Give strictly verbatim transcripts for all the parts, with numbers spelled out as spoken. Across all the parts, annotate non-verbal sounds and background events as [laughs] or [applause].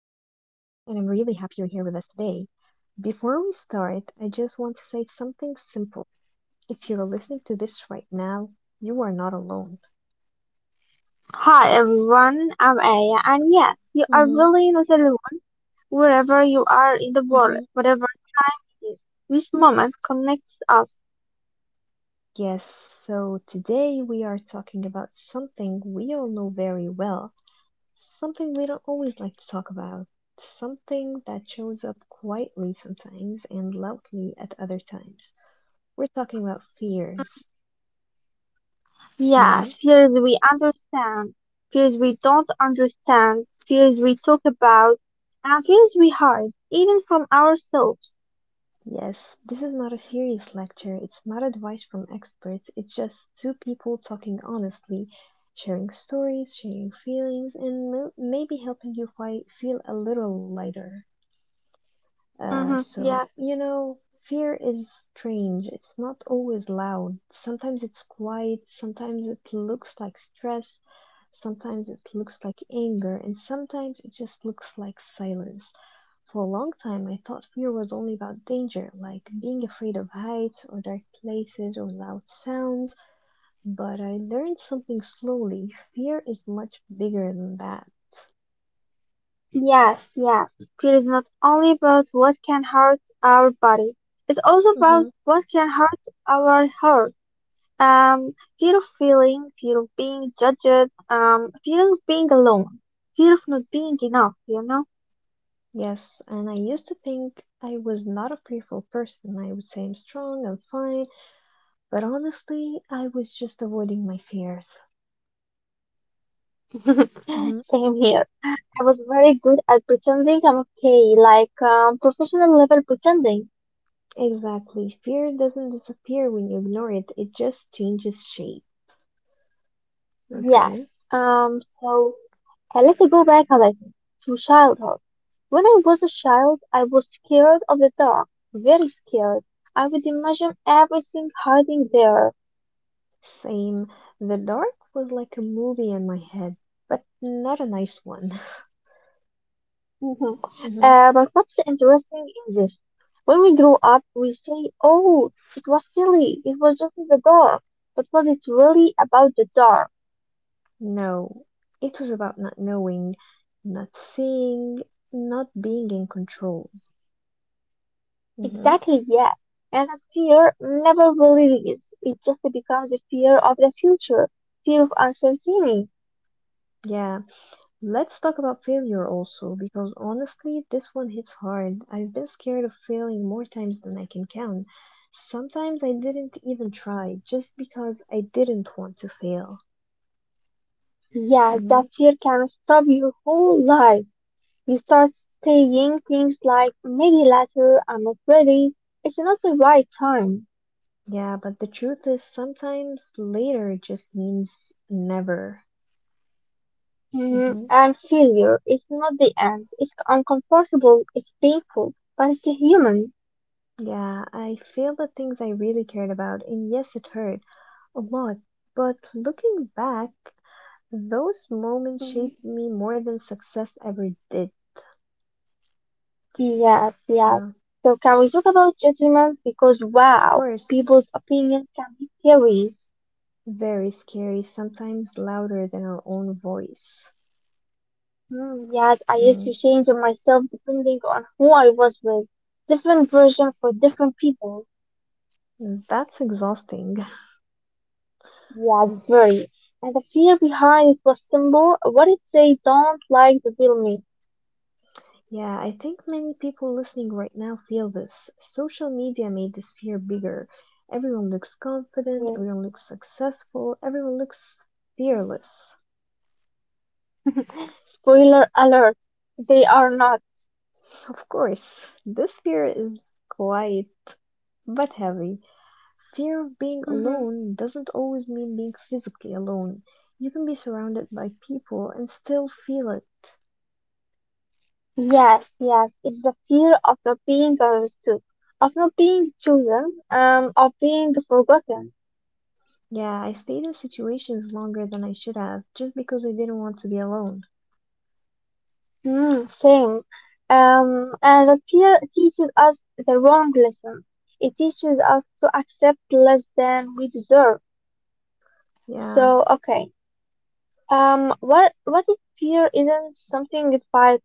you're here with us today. Before we start, I just want to say something simple. If you're listening to this right now, you are not alone. Hi everyone, I'm Aya, and yes, you are hmm really not alone. Wherever you are in the world, hmm whatever time it is, this moment connects us. Yes, so today we are talking about something we all know very well, something we don't always like to talk about, something that shows up quietly sometimes and loudly at other times. We're talking about fears. Mm, Mm-hmm. Yes, fears we understand, fears we don't understand, fears we talk about, and fears we hide, even from ourselves. Yes, this is not a serious lecture. It's not advice from experts. It's just two people talking honestly, sharing stories, sharing feelings, and m- maybe helping you fi- feel a little lighter. Uh, mhm. so, Yes, you know, Fear is strange. It's not always loud. Sometimes it's quiet. Sometimes it looks like stress. Sometimes it looks like anger, and sometimes it just looks like silence. For a long time, I thought fear was only about danger, like being afraid of heights or dark places or loud sounds. But I learned something slowly. Fear is much bigger than that. yes, yes. Fear is not only about what can hurt our body, it's also about hmm what can hurt our heart. um Fear of failing, fear of being judged, um fear of being alone, fear of not being enough, you know? Yes, and I used to think I was not a fearful person. I would say I'm strong, I'm fine, but honestly, I was just avoiding my fears. [laughs] Mhm. Same here. I was very good at pretending I'm okay, like um, professional level pretending. Exactly. Fear doesn't disappear when you ignore it, it just changes shape. Yes. Okay. Um so uh, let's go back a little to childhood. When I was a child, I was scared of the dark, very scared. I would imagine everything hiding there. Same. The dark was like a movie in my head, but not a nice one. Mhm. [laughs] hmm Uh, but what's interesting is this. When we grow up, we say, oh, it was silly. It was just in the dark. But was it really about the dark? No. It was about not knowing, not seeing, not being in control. hmm Exactly, yeah. And that fear never really leaves. It just becomes a fear of the future, fear of uncertainty. Yeah. Let's talk about failure also, because honestly, this one hits hard. I've been scared of failing more times than I can count. Sometimes I didn't even try, just because I didn't want to fail. Yeah, Mhm. that fear can stop your whole life. You start saying things like, maybe later, I'm not ready. It's not the right time. Yeah, but the truth is, sometimes later just means never. Mm, hmm and failure is not the end. It's uncomfortable, it's painful, but it's human. Yeah, I failed at things I really cared about, and yes, it hurt a lot. But looking back, those moments Mm, shaped me more than success ever did. Yes, yes. Uh, So can we talk about judgment? Because of wow, course. people's opinions can be scary. Very scary, sometimes louder than our own voice. Mm, yes, I used to Mm. change on myself depending on who I was with. Different version for different people. Mm. That's exhausting. [laughs] Yes, very. And the fear behind it was simple. What if they don't like the real me? Yeah, I think many people listening right now feel this. Social media made this fear bigger. Everyone looks confident, Mm. everyone looks successful, everyone looks fearless. Spoiler alert, they are not. Of course, this fear is quiet but heavy. Fear of being Mm-hmm. alone doesn't always mean being physically alone. You can be surrounded by people and still feel it. Yes, yes, it's the fear of not being understood, of not being chosen, um, of being forgotten. Yeah, I stayed in situations longer than I should have, just because I didn't want to be alone. Mm, same. Um, and the fear teaches us the wrong lesson. It teaches us to accept less than we deserve. Yeah, So, okay. Um, what what if fear isn't something you fight?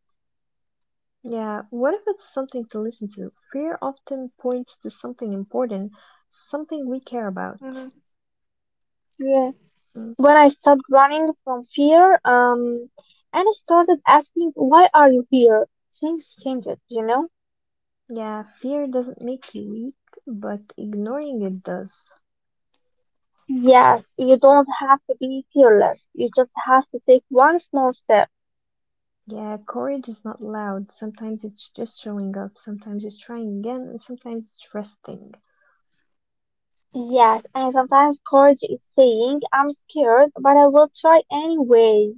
yeah. What if it's something to listen to? Fear often points to something important, something we care about. Mhm. Yeah. Mm. When I stopped running from fear, um, and I started asking, why are you here? Things changed, you know? Yeah, fear doesn't make you weak, but ignoring it does. Yes, you don't have to be fearless. You just have to take one small step. Yeah, courage is not loud. Sometimes it's just showing up, sometimes it's trying again, and sometimes it's resting. Yes, and sometimes courage is saying, I'm scared, but I will try anyway.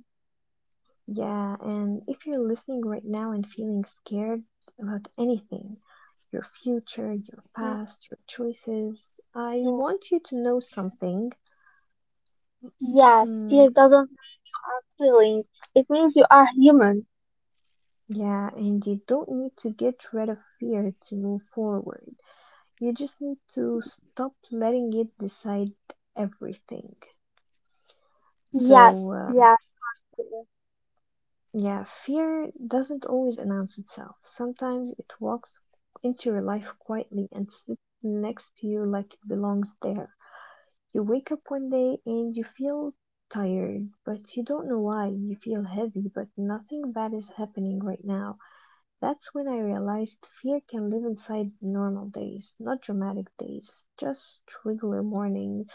Yeah, and if you're listening right now and feeling scared about anything, your future, your Mm. past, your choices, I Yeah, want you to know yeah. something. Yes, Mm. fear doesn't mean you are feeling. It means you are human. Yeah, and you don't need to get rid of fear to move forward. You just need to Mhm. stop letting it decide everything. Yes, So, uh, yes, for sure. Yeah, fear doesn't always announce itself. Sometimes it walks into your life quietly and sits next to you like it belongs there. You wake up one day and you feel tired, but you don't know why. You feel heavy, but nothing bad is happening right now. That's when I realized fear can live inside normal days, not dramatic days, just regular mornings,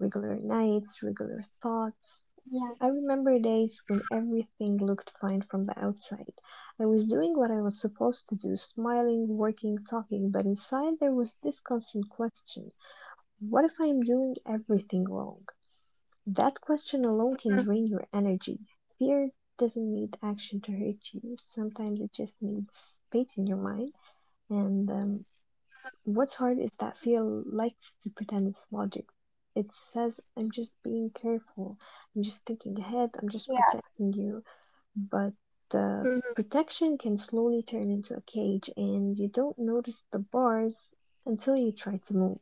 regular nights, regular thoughts. Yes. I remember days when Mm-hmm, everything looked fine from the outside. I was doing what I was supposed to do, smiling, working, talking, but inside there was this constant question, what if I am doing everything wrong? That question alone can mm-hmm, drain your energy. Fear doesn't need action to hurt you. Sometimes it just needs space in your mind. And um, mm-hmm. What's hard is that fear likes to pretend it's logic. It says, I'm just being careful. I'm just thinking ahead. I'm just Yes. protecting you, but the Mm-hmm. protection can slowly turn into a cage and you don't notice the bars until you try to move.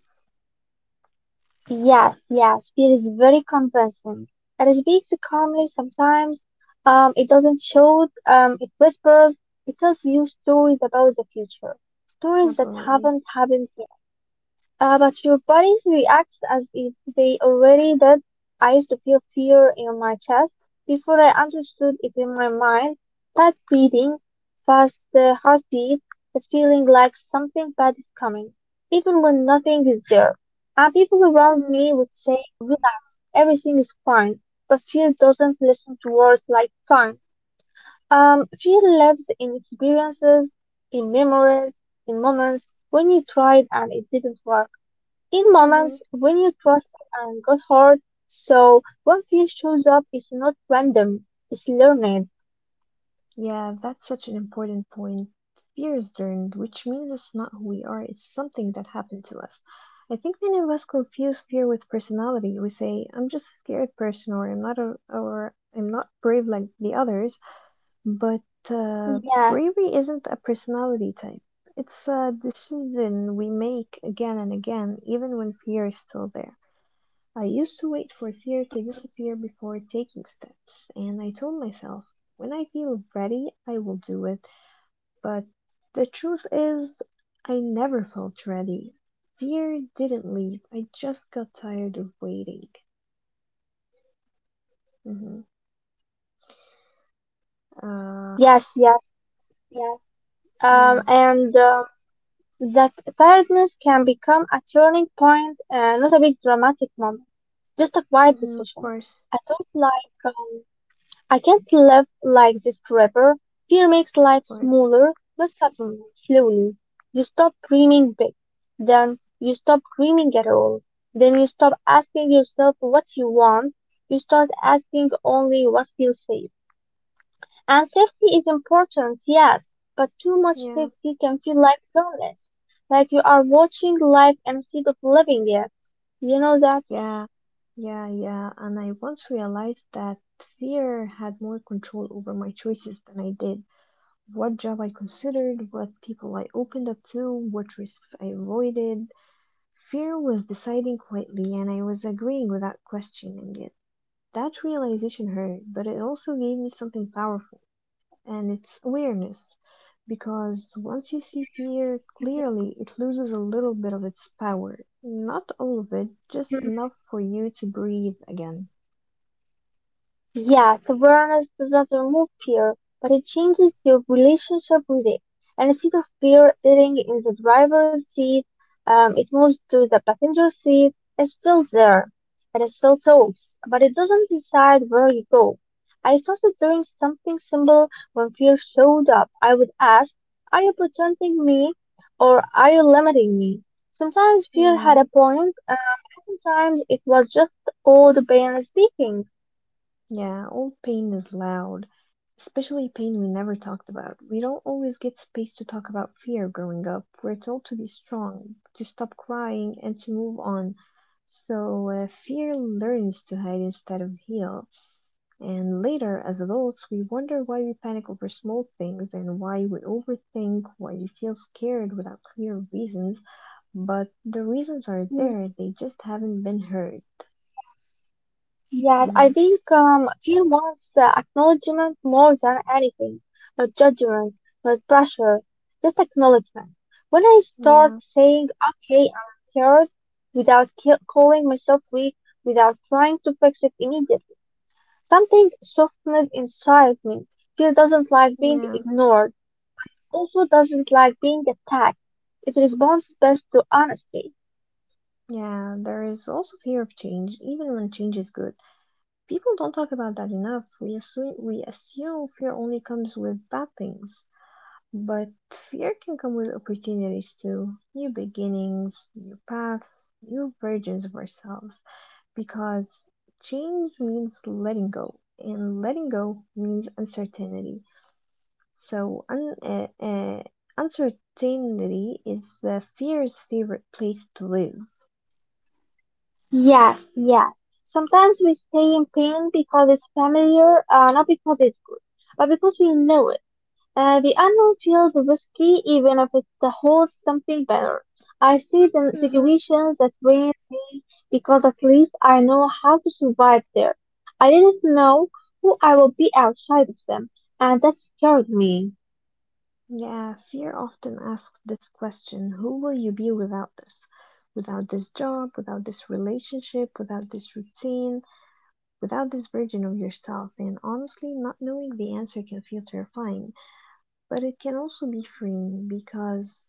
Yes, yes, fear is very convincing. It speaks calmly sometimes. Um, it doesn't shout. Um, it whispers. It tells you stories about the future, stories that Absolutely. haven't happened yet. Uh, but your body reacts as if they already did. I used to feel fear in my chest before I understood it in my mind. That beating, fast uh, heartbeat, that feeling like something bad is coming, even when nothing is there. And people around hmm me would say, relax, everything is fine. But fear doesn't listen to words like fine. Um, fear lives in experiences, in memories, in moments when you tried and it didn't work, in moments hmm when you trusted and got hurt. So when fear shows up, it's not random, it's learned. Yeah, that's such an important point. Fear is learned, which means it's not who we are, it's something that happened to us. I think many of us confuse fear with personality. We say, I'm just a scared person, or I'm not, a, or I'm not brave like the others. But uh, Yes, bravery isn't a personality type. It's a decision we make again and again, even when fear is still there. I used to wait for fear to mhm. disappear before taking steps, and I told myself, when I feel ready, I will do it. But the truth is, I never felt ready. Fear didn't leave, I just got tired of waiting. hmm Uh, yes, yes, yes. Um, yeah. and um, That tiredness can become a turning point, uh, not a big dramatic moment, just a quiet hmm Of decision. course, A thought like, um, I can't live like this forever. Fear makes life of course, smaller, not suddenly, slowly. You stop dreaming big. Then you stop dreaming at all. Then you stop asking yourself what you want. You start asking only what feels safe. And safety is important, yes, but too much yeah. safety can feel like loneliness, like you are watching life instead of living it. You know that? Yeah, yeah, yeah. And I once realized that fear had more control over my choices than I did. What job I considered, what people I opened up to, what risks I avoided. Fear was deciding quietly, and I was agreeing without questioning it. That realization hurt, but it also gave me something powerful, and it's awareness. Because once you see Hmm. fear Yeah. clearly, it loses a little bit of its power. Not all of it, just Mhm. enough for you to breathe again. Yes, awareness does not remove fear, but it changes your relationship with it. And instead of fear sitting in the driver's seat, um, it moves to the passenger seat. It's still there, and it still talks, but it doesn't decide where you go. I started doing something simple when fear showed up. I would ask, are you protecting me or are you limiting me? Sometimes fear Yeah, had a point, um, and sometimes it was just old pain speaking. yeah, all pain is loud, especially pain we never talked about. We don't always get space to talk about fear growing up. We're told to be strong, to stop crying, and to move on. So uh, fear learns to hide instead of heal. And later, as adults, we wonder why we panic over small things and why we overthink, why we feel scared without clear reasons. But the reasons are Mm-hmm. there, they just haven't been heard. Yeah, yeah. I hmm think um, fear wants uh, acknowledgement more than anything. Not judgment, not pressure, just acknowledgement. When I start Yeah, saying, okay, I'm scared, without ca- calling myself weak, without trying to fix it immediately, something softened inside me. Fear doesn't like being yeah, ignored, but it also doesn't like being attacked. It responds best to honesty. yeah. There is also fear of change, even when change is good. People don't talk about that enough. We assume, we assume fear only comes with bad things. But fear can come with opportunities too. New beginnings, new paths, new versions of ourselves, because change means letting go, and letting go means uncertainty. So, un- uh, uh, uncertainty is the fear's favorite place to live. Yes, yes. Sometimes we stay in pain because it's familiar, uh, not because it's good, but because we know it. Uh, the unknown feels risky even if it holds something better. I see the Mm-hmm. situations that drain me because at least I know how to survive there. I didn't know who I would be outside of them, and that scared me. Yeah, fear often asks this question: who will you be without this? Without this job, without this relationship, without this routine, without this version of yourself. And honestly, not knowing the answer can feel terrifying, but it can also be freeing, because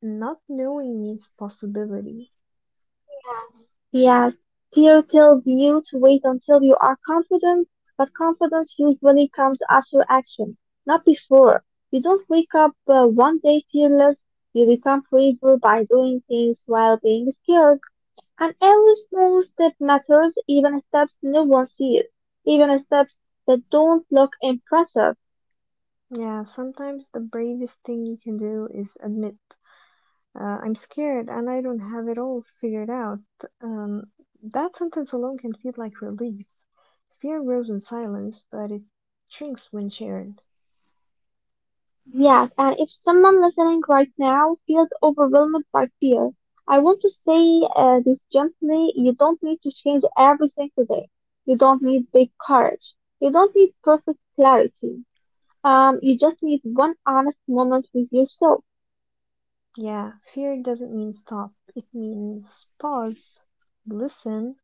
not knowing means possibility. Yes, yes. Fear tells you to wait until you are confident, but confidence usually comes after action, not before. You don't wake up uh, one day fearless, you become braver by doing things while being scared. And every small step matters, even steps no one sees, even steps that don't look impressive. Yeah, sometimes the bravest thing you can do is admit, uh, I'm scared and I don't have it all figured out. Um, that sentence alone can feel like relief. Fear grows in silence, but it shrinks when shared. Yes, and if someone listening right now feels overwhelmed by fear, I want to say uh, this gently. You don't need to change everything today. You don't need big courage. You don't need perfect clarity. Um, you just need one honest moment with yourself. Yeah, fear doesn't mean stop, it means pause, listen,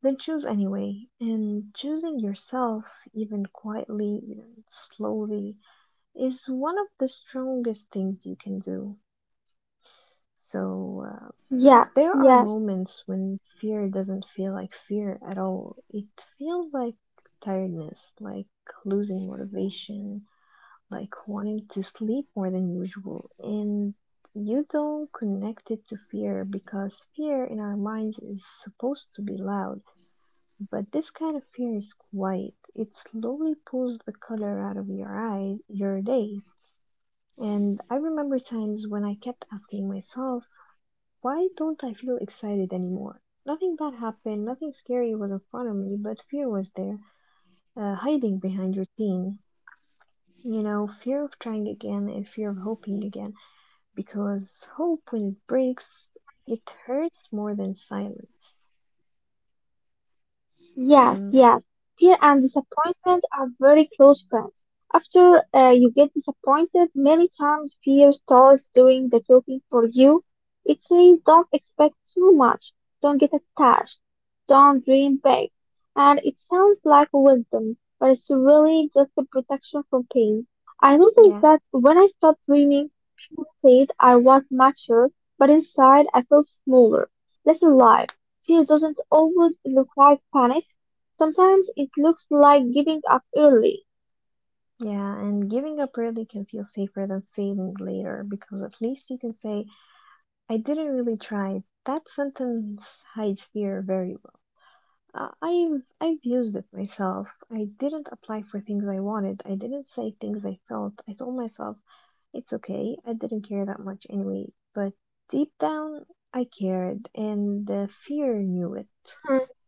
then choose anyway. And choosing yourself, even quietly, even slowly, is one of the strongest things you can do. So uh, Yeah, there are yes. moments when fear doesn't feel like fear at all. It feels like tiredness, like losing motivation, like wanting to sleep more than usual. And you don't connect it to fear because fear in our minds is supposed to be loud. But this kind of fear is quiet. It slowly pulls the color out of your eye, your days. And I remember times when I kept asking myself, why don't I feel excited anymore? Nothing bad happened, nothing scary was in front of me, but fear was there, uh, hiding behind routine. You know, fear of trying again and fear of hoping again, because hope, when it breaks, it hurts more than silence. Yes, Mm. yes. Fear and disappointment are very close friends. After uh, you get disappointed, many times fear starts doing the talking for you. It says don't expect too much, don't get attached, don't dream big. And it sounds like wisdom, but it's really just a protection from pain. I noticed Yeah, that when I stopped dreaming, people said I was mature, but inside I felt smaller, less alive. Fear doesn't always look like panic. Sometimes it looks like giving up early. yeah, and giving up early can feel safer than failing later, because at least you can say, I didn't really try. That sentence hides fear very— Uh, I've I've used it myself. I didn't apply for things I wanted. I didn't say things I felt. I told myself it's okay. I didn't care that much anyway. But deep down, I cared, and the fear knew it. Hmm.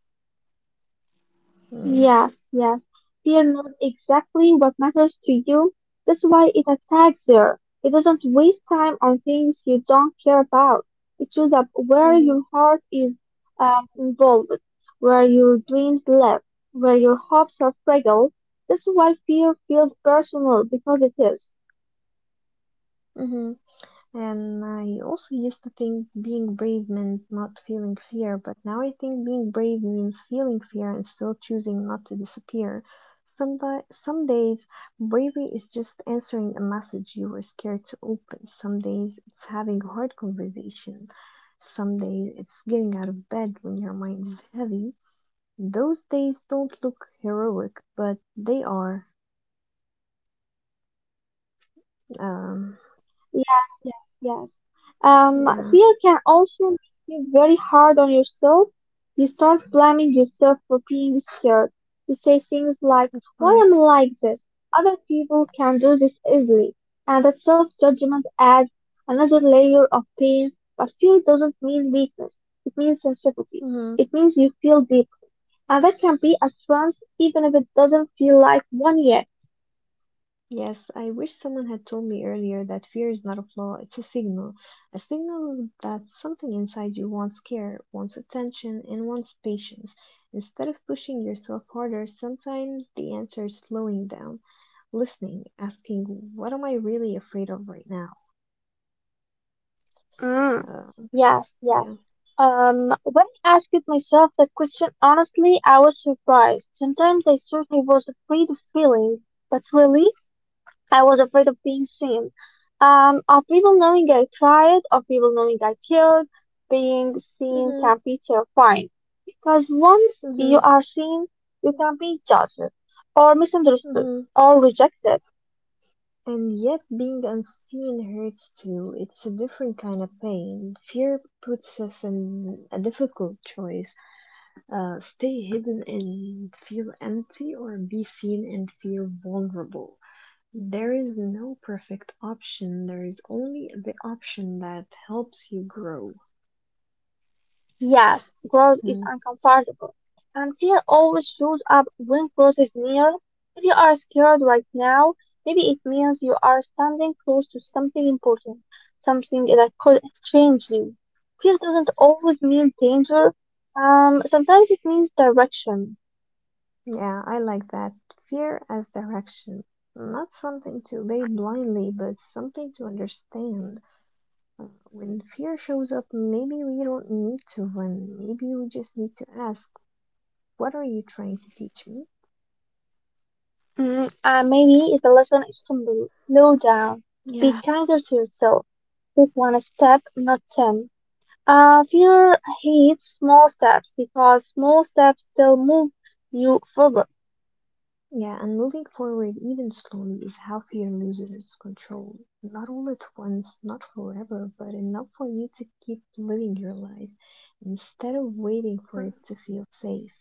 Mm. Yes, yes. Fear knows exactly what matters to you. That's why it attacks there. It doesn't waste time on things you don't care about. It shows up where Mm-hmm. your heart is um, involved, where your dreams live, where your hopes are fragile. That's why fear feels personal because it is. Mm-hmm. And I also used to think being brave meant not feeling fear, but now I think being brave means feeling fear and still choosing not to disappear. Some, di- some days, bravery is just answering a message you were scared to open. Some days, it's having a hard conversation. Some days, it's getting out of bed when your mind is heavy. Those days don't look heroic, but they are. Yes. Um, Yes, yes, yes. Um, yeah, of Fear can also make you very hard on yourself. You start blaming yourself for being scared. You say things like, why am I course. like this? Other people can do this easily. And that self-judgment adds another layer of pain. But fear doesn't mean weakness. It means sensitivity. Mhm. It means you feel deeply. And that can be a strength even if it doesn't feel like one yet. Yes, I wish someone had told me earlier that fear is not a flaw, it's a signal. A signal that something inside you wants care, wants attention, and wants patience. Instead of pushing yourself harder, sometimes the answer is slowing down, listening, asking, what am I really afraid of right now? Mm, Uh, yes, yeah. yes. Um, when I asked myself that question honestly, I was surprised. Sometimes I certainly was afraid of feeling, but really, I was afraid of being seen. Um, of people knowing I tried, of people knowing I cared, being seen Mhm, can be terrifying. Because once you mhm, are seen, you can be judged, or misunderstood, mhm. or rejected. And yet, being unseen hurts too. It's a different kind of pain. Fear puts us in a difficult choice. Uh, stay hidden and feel empty, or be seen and feel vulnerable. There is no perfect option, there is only the option that helps you grow. Yes, growth is Mm. uncomfortable, and fear always shows up when growth is near. If you are scared right now, maybe it means you are standing close to something important, something that could change you. Fear doesn't always mean danger. Um, sometimes it means direction. Yeah, I like that. Fear as direction. Not something to obey blindly, but something to understand. Uh, when fear shows up, maybe we don't need to run. Maybe we just need to ask, what are you trying to teach me? Mm, and maybe the lesson is simple: slow down, be Yeah, kinder to yourself, take one step, not ten. Uh, fear hates small steps because small steps still move you forward. Yeah, And moving forward even slowly is how fear loses its control. Not all at once, not forever, but enough for you to keep living your life instead of waiting for it to feel safe.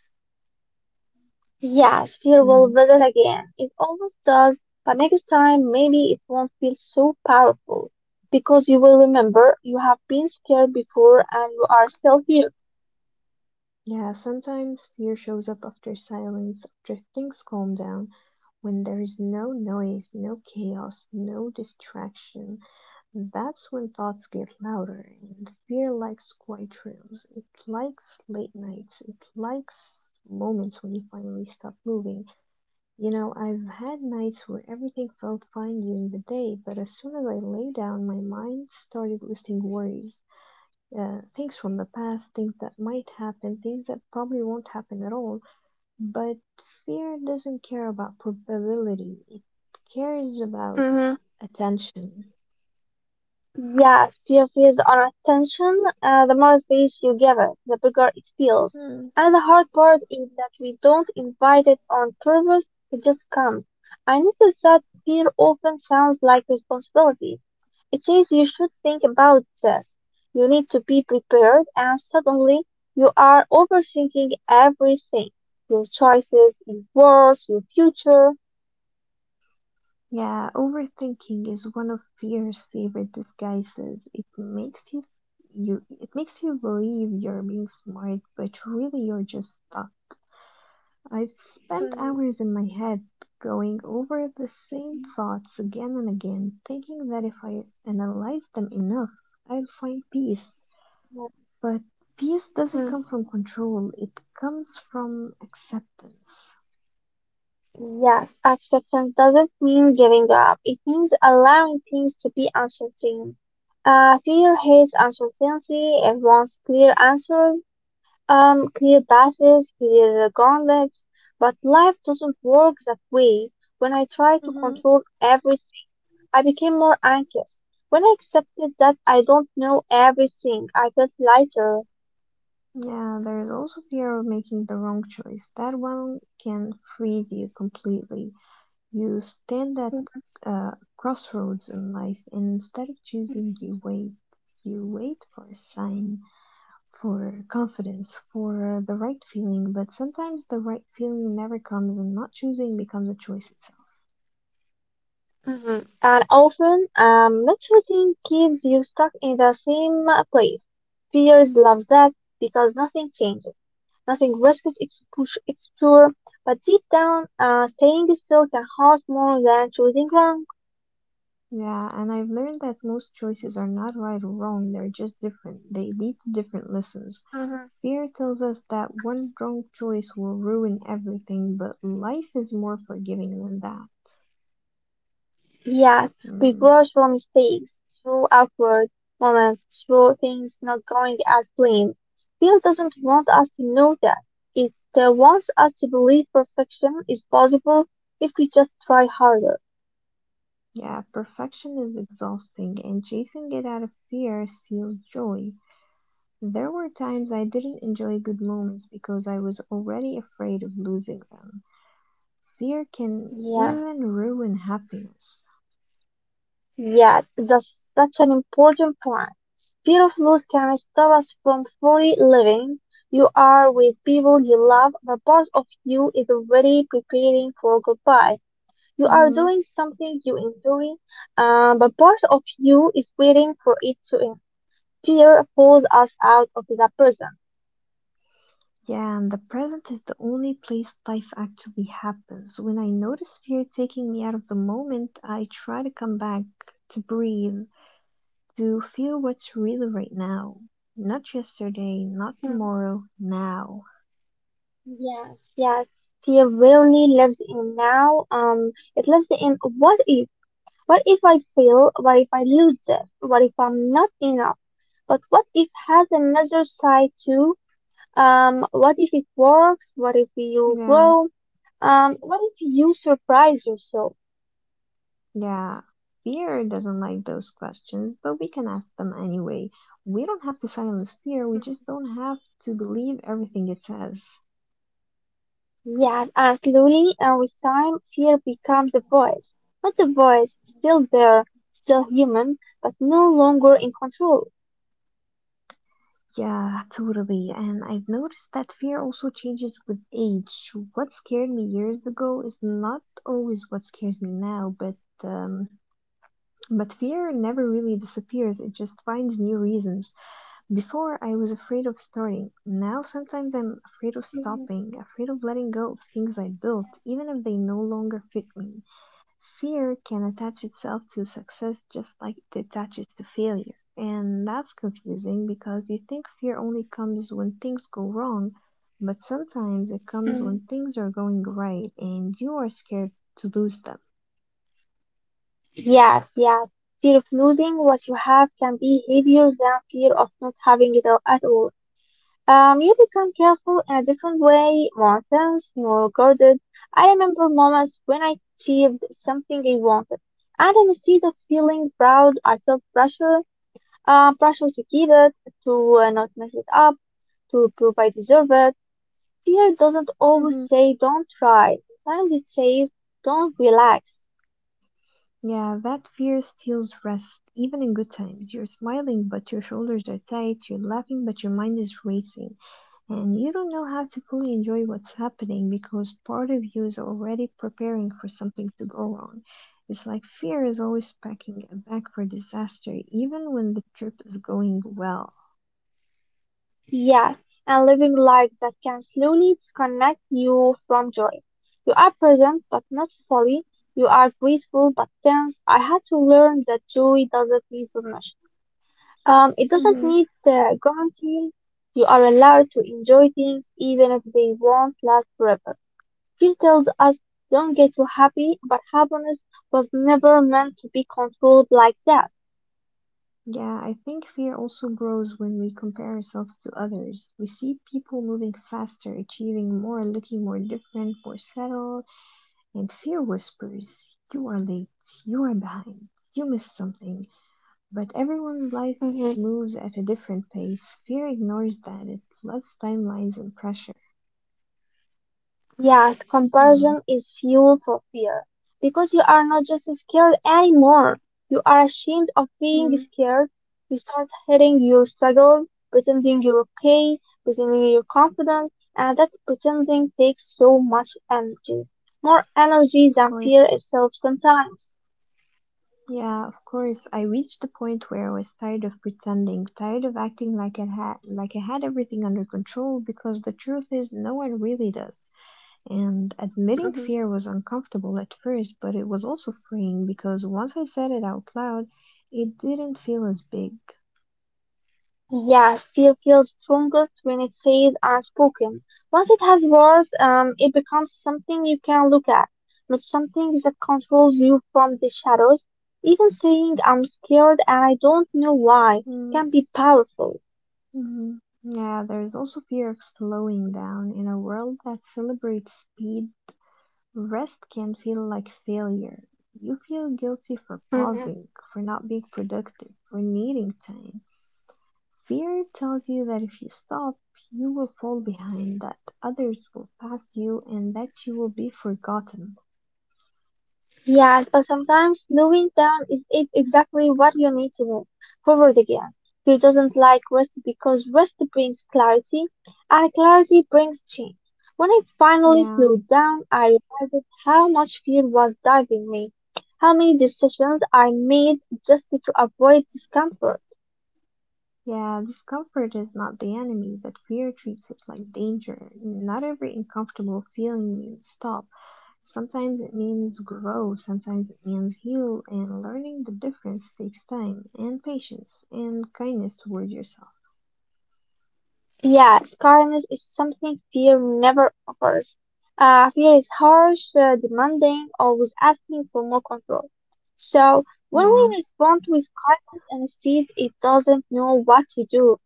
Yes, fear will hmm visit again. It always does, but next time maybe it won't feel so powerful because you will remember you have been scared before and you are still here. Yeah, sometimes fear shows up after silence, after things calm down, when there is no noise, no chaos, no distraction. That's when thoughts get louder, and fear likes quiet rooms. It likes late nights. It likes moments when you finally stop moving. You know, I've had nights where everything felt fine during the day, but as soon as I lay down, my mind started listing worries. Uh, things from the past, things that might happen, things that probably won't happen at all. But fear doesn't care about probability, it cares about attention. Yes, fear feeds on attention. Uh, the more space you give it, the bigger it feels. Hmm. And the hard part is that we don't invite it on purpose, it just comes. I notice that fear often sounds like responsibility. It says you should think about this. You need to be prepared, and suddenly you are overthinking everything, your choices, your words, your future. Yeah, overthinking is one of fear's favorite disguises. It makes you you it makes you believe you're being smart, but really you're just stuck. I've spent Mm, hours in my head going over the same thoughts again and again, thinking that if I analyze them enough, I'll find peace. yeah. But peace doesn't come from control, it comes from acceptance. Yes, acceptance doesn't mean giving up. It means allowing things to be uncertain. Uh, fear hates uncertainty. It wants clear answers, um, clear passes, clear gauntlets. But life doesn't work that way. When I try to Mhm. control everything, I became more anxious. When I accepted that I don't know everything, I felt lighter. Yeah, there is also fear of making the wrong choice. That one can freeze you completely. You stand at Mhm. uh, crossroads in life, and instead of choosing, you wait. You wait for a sign, for confidence, for the right feeling, but sometimes the right feeling never comes, and not choosing becomes a choice itself. Mhm. And often, um, not choosing keeps you stuck in the same uh, place. Fears love that because nothing changes, nothing risks expo- exposure. But deep down, uh, staying still can hurt more than choosing wrong. Yeah, and I've learned that most choices are not right or wrong, they're just different. They lead to different lessons. Hmm. Fear tells us that one wrong choice will ruin everything, but life is more forgiving than that. Yes, we Mm. grow from mistakes, through awkward moments, through things not going as planned. Fear doesn't want us to know that. It uh, wants us to believe perfection is possible if we just try harder. Yeah, perfection is exhausting, and chasing it out of fear steals joy. There were times I didn't enjoy good moments because I was already afraid of losing them. Fear can Yeah, even ruin happiness. yeah, that's such an important point. Fear of loss can stop us from fully living. You are with people you love, but part of you is already preparing for goodbye. You are Mhm. doing something you enjoy, uh, but part of you is waiting for it to end. Fear pulls us out of that person. Yeah, and the present is the only place life actually happens. When I notice fear taking me out of the moment, I try to come back, to breathe, to feel what's real right now. Not yesterday, not Hmm. tomorrow, now. Yes, yes. Fear rarely lives in now. Um, it lives in what if. What if I fail? What if I lose this? What if I'm not enough? But what if has another side too? Um, what if it works? What if you Yeah, grow? Um, what if you surprise yourself? yeah. Fear doesn't like those questions, but we can ask them anyway. We don't have to silence fear, we just Mhm. don't have to believe everything it says. Yeah, and slowly and with time, fear becomes a voice. Not a voice, still there, still human, but no longer in control. Yeah, totally. And I've noticed that fear also changes with age. What scared me years ago is not always what scares me now, but um, but fear never really disappears. It just finds new reasons. Before I was afraid of starting. Now sometimes I'm afraid of Mhm. stopping, afraid of letting go of things I built, even if they no longer fit me. Fear can attach itself to success just like it attaches to failure. And that's confusing because you think fear only comes when things go wrong, but sometimes it comes Mhm. when things are going right and you are scared to lose them. Yes, yes. Fear of losing what you have can be heavier than fear of not having it all at all. Um, you become careful in a different way, more tense, more guarded. I remember moments when I achieved something I wanted, and instead of feeling proud, I felt pressure, uh, pressure to keep it, to uh, not mess it up, to prove I deserve it. Fear doesn't always hmm say don't try. Sometimes it says don't relax. Yeah, that fear steals rest, even in good times. You're smiling, but your shoulders are tight. You're laughing, but your mind is racing, and you don't know how to fully enjoy what's happening because part of you is already preparing for something to go wrong. It's like fear is always packing a bag for disaster, even when the trip is going well. Yes, and living life that can slowly disconnect you from joy. You are present but not fully. You are grateful but tense. I had to learn that joy doesn't need permission. Um, it doesn't hmm need uh, guarantee. You are allowed to enjoy things even if they won't last forever. Fear tells us don't get too happy, but happiness was never meant to be controlled like that. Yeah, I think fear also grows when we compare ourselves to others. We see people moving faster, achieving more, looking more different, more settled, and fear whispers, you are late, you are behind, you missed something. But everyone's life moves at a different pace. Fear ignores that. It loves timelines and pressure. Yes, Mm. comparison is fuel for fear because you are not just scared anymore. You are ashamed of being Mm. scared. You start hiding your struggle, pretending you're okay, pretending you're confident, and that pretending takes so much energy. More energy Of than course. fear itself sometimes. Yeah, of course. I reached the point where I was tired of pretending, tired of acting like I had like I had everything under control because the truth is no one really does. And admitting [laughs] fear was uncomfortable at first, but it was also freeing because once I said it out loud, it didn't feel as big. Yes, fear feels strongest when it stays unspoken. Once it has words, um, it becomes something you can look at, not something that controls you from the shadows. Even saying I'm scared and I don't know why Mm. can be powerful. hmm Yeah, there's also fear of slowing down. In a world that celebrates speed, rest can feel like failure. You feel guilty for pausing, for not being productive, for needing time. Fear tells you that if you stop, you will fall behind, that others will pass you, and that you will be forgotten. Yes, but sometimes slowing down is it exactly what you need to know. Forward again. He doesn't like rest because rest brings clarity, and clarity brings change. When I finally Yeah, slowed down, I realized how much fear was driving me, how many decisions I made just to avoid discomfort. yeah, discomfort is not the enemy, but fear treats it like danger. Not every uncomfortable feeling means stop. Sometimes it means grow, sometimes it means heal, and learning the difference takes time and patience and kindness toward yourself. Yes, kindness is something fear never offers. Uh, fear is harsh, uh, demanding, always asking for more control. So, when Yeah, we respond with kindness and instead it doesn't know what to do.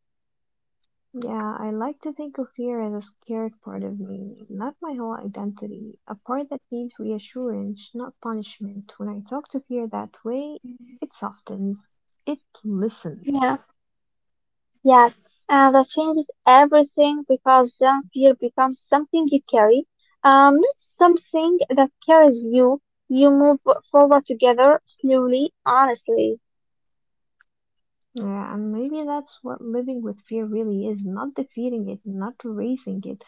yeah, I like to think of fear as a scared part of me, not my whole identity, a part that needs reassurance, not punishment. When I talk to fear that way, Mhm. it softens, it listens. Yeah, yes, and that changes everything because then fear becomes something you carry, um, not something that carries you. You move forward together, slowly, honestly. Yeah, and maybe that's what living with fear really is not defeating it, not erasing it,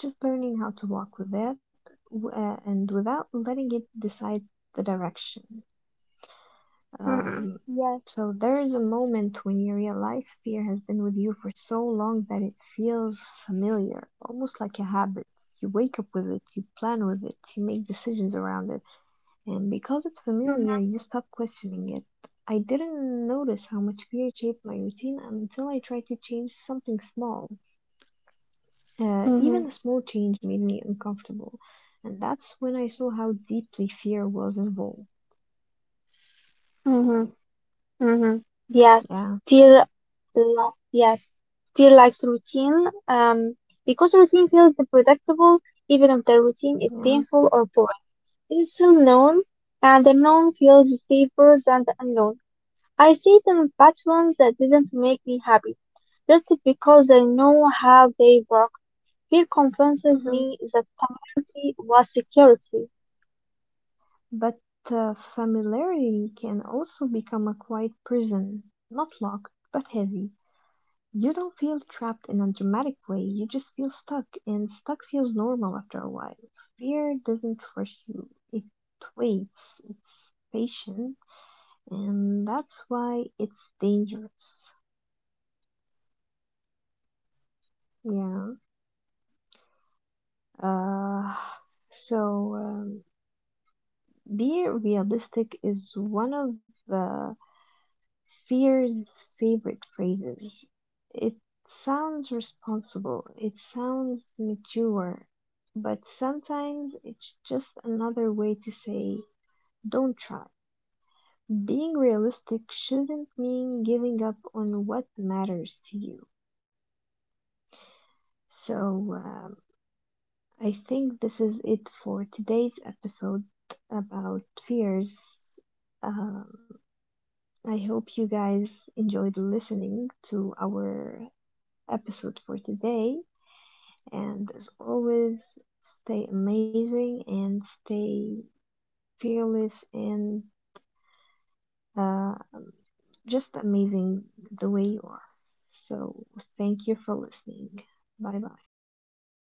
just learning how to walk with it w- uh, and without letting it decide the direction. Mm-mm. Um, Yes. so there is a moment when you realize fear has been with you for so long that it feels familiar, almost like a habit. You wake up with it, you plan with it, you make decisions around it and because it's familiar, Mm-hmm. you stop questioning it. I didn't notice how much fear shaped my routine until I tried to change something small. Uh, Mm-hmm. Even a small change made me uncomfortable, and that's when I saw how deeply fear was involved. Mm-hmm. Mm-hmm. Yes, Yeah, fear, li- yes, fear likes routine, um, because routine feels predictable, even if the routine is yeah. painful or boring. It is still known, and the known feels safer than the unknown. I stayed in patterns that didn't make me happy, just because I know how they work. Fear convinces hmm me that familiarity was security. But uh, familiarity can also become a quiet prison, not locked, but heavy. You don't feel trapped in a Mm-hmm. dramatic way, you just feel stuck, and stuck feels normal after a while. Fear doesn't rush you, it waits, it's patient, and that's Yeah. why it's dangerous. Yeah. Mm-hmm. Yeah. Yes. Uh, so, um, being realistic is one of the fear's favorite phrases. It sounds responsible, it sounds mature, but sometimes it's just another way to say don't try. Mm-hmm. Being Yeah, realistic shouldn't yeah. mean giving up on what Yes, matters to yes, you. for sure. Um, fear also So, had a um, way of making us I think doubt this is our, it our for own today's feelings. You episode start asking about yourself if fears. you are Um, overacting, I if you hope are you too guys sensitive, enjoyed if listening your fear to is valid enough, our but fear episode doesn't for need today. permission to exist. And It as just needs always, understanding, you stay know? amazing and stay fearless and uh, just amazing the way you are. So, thank you for listening. Bye bye. So.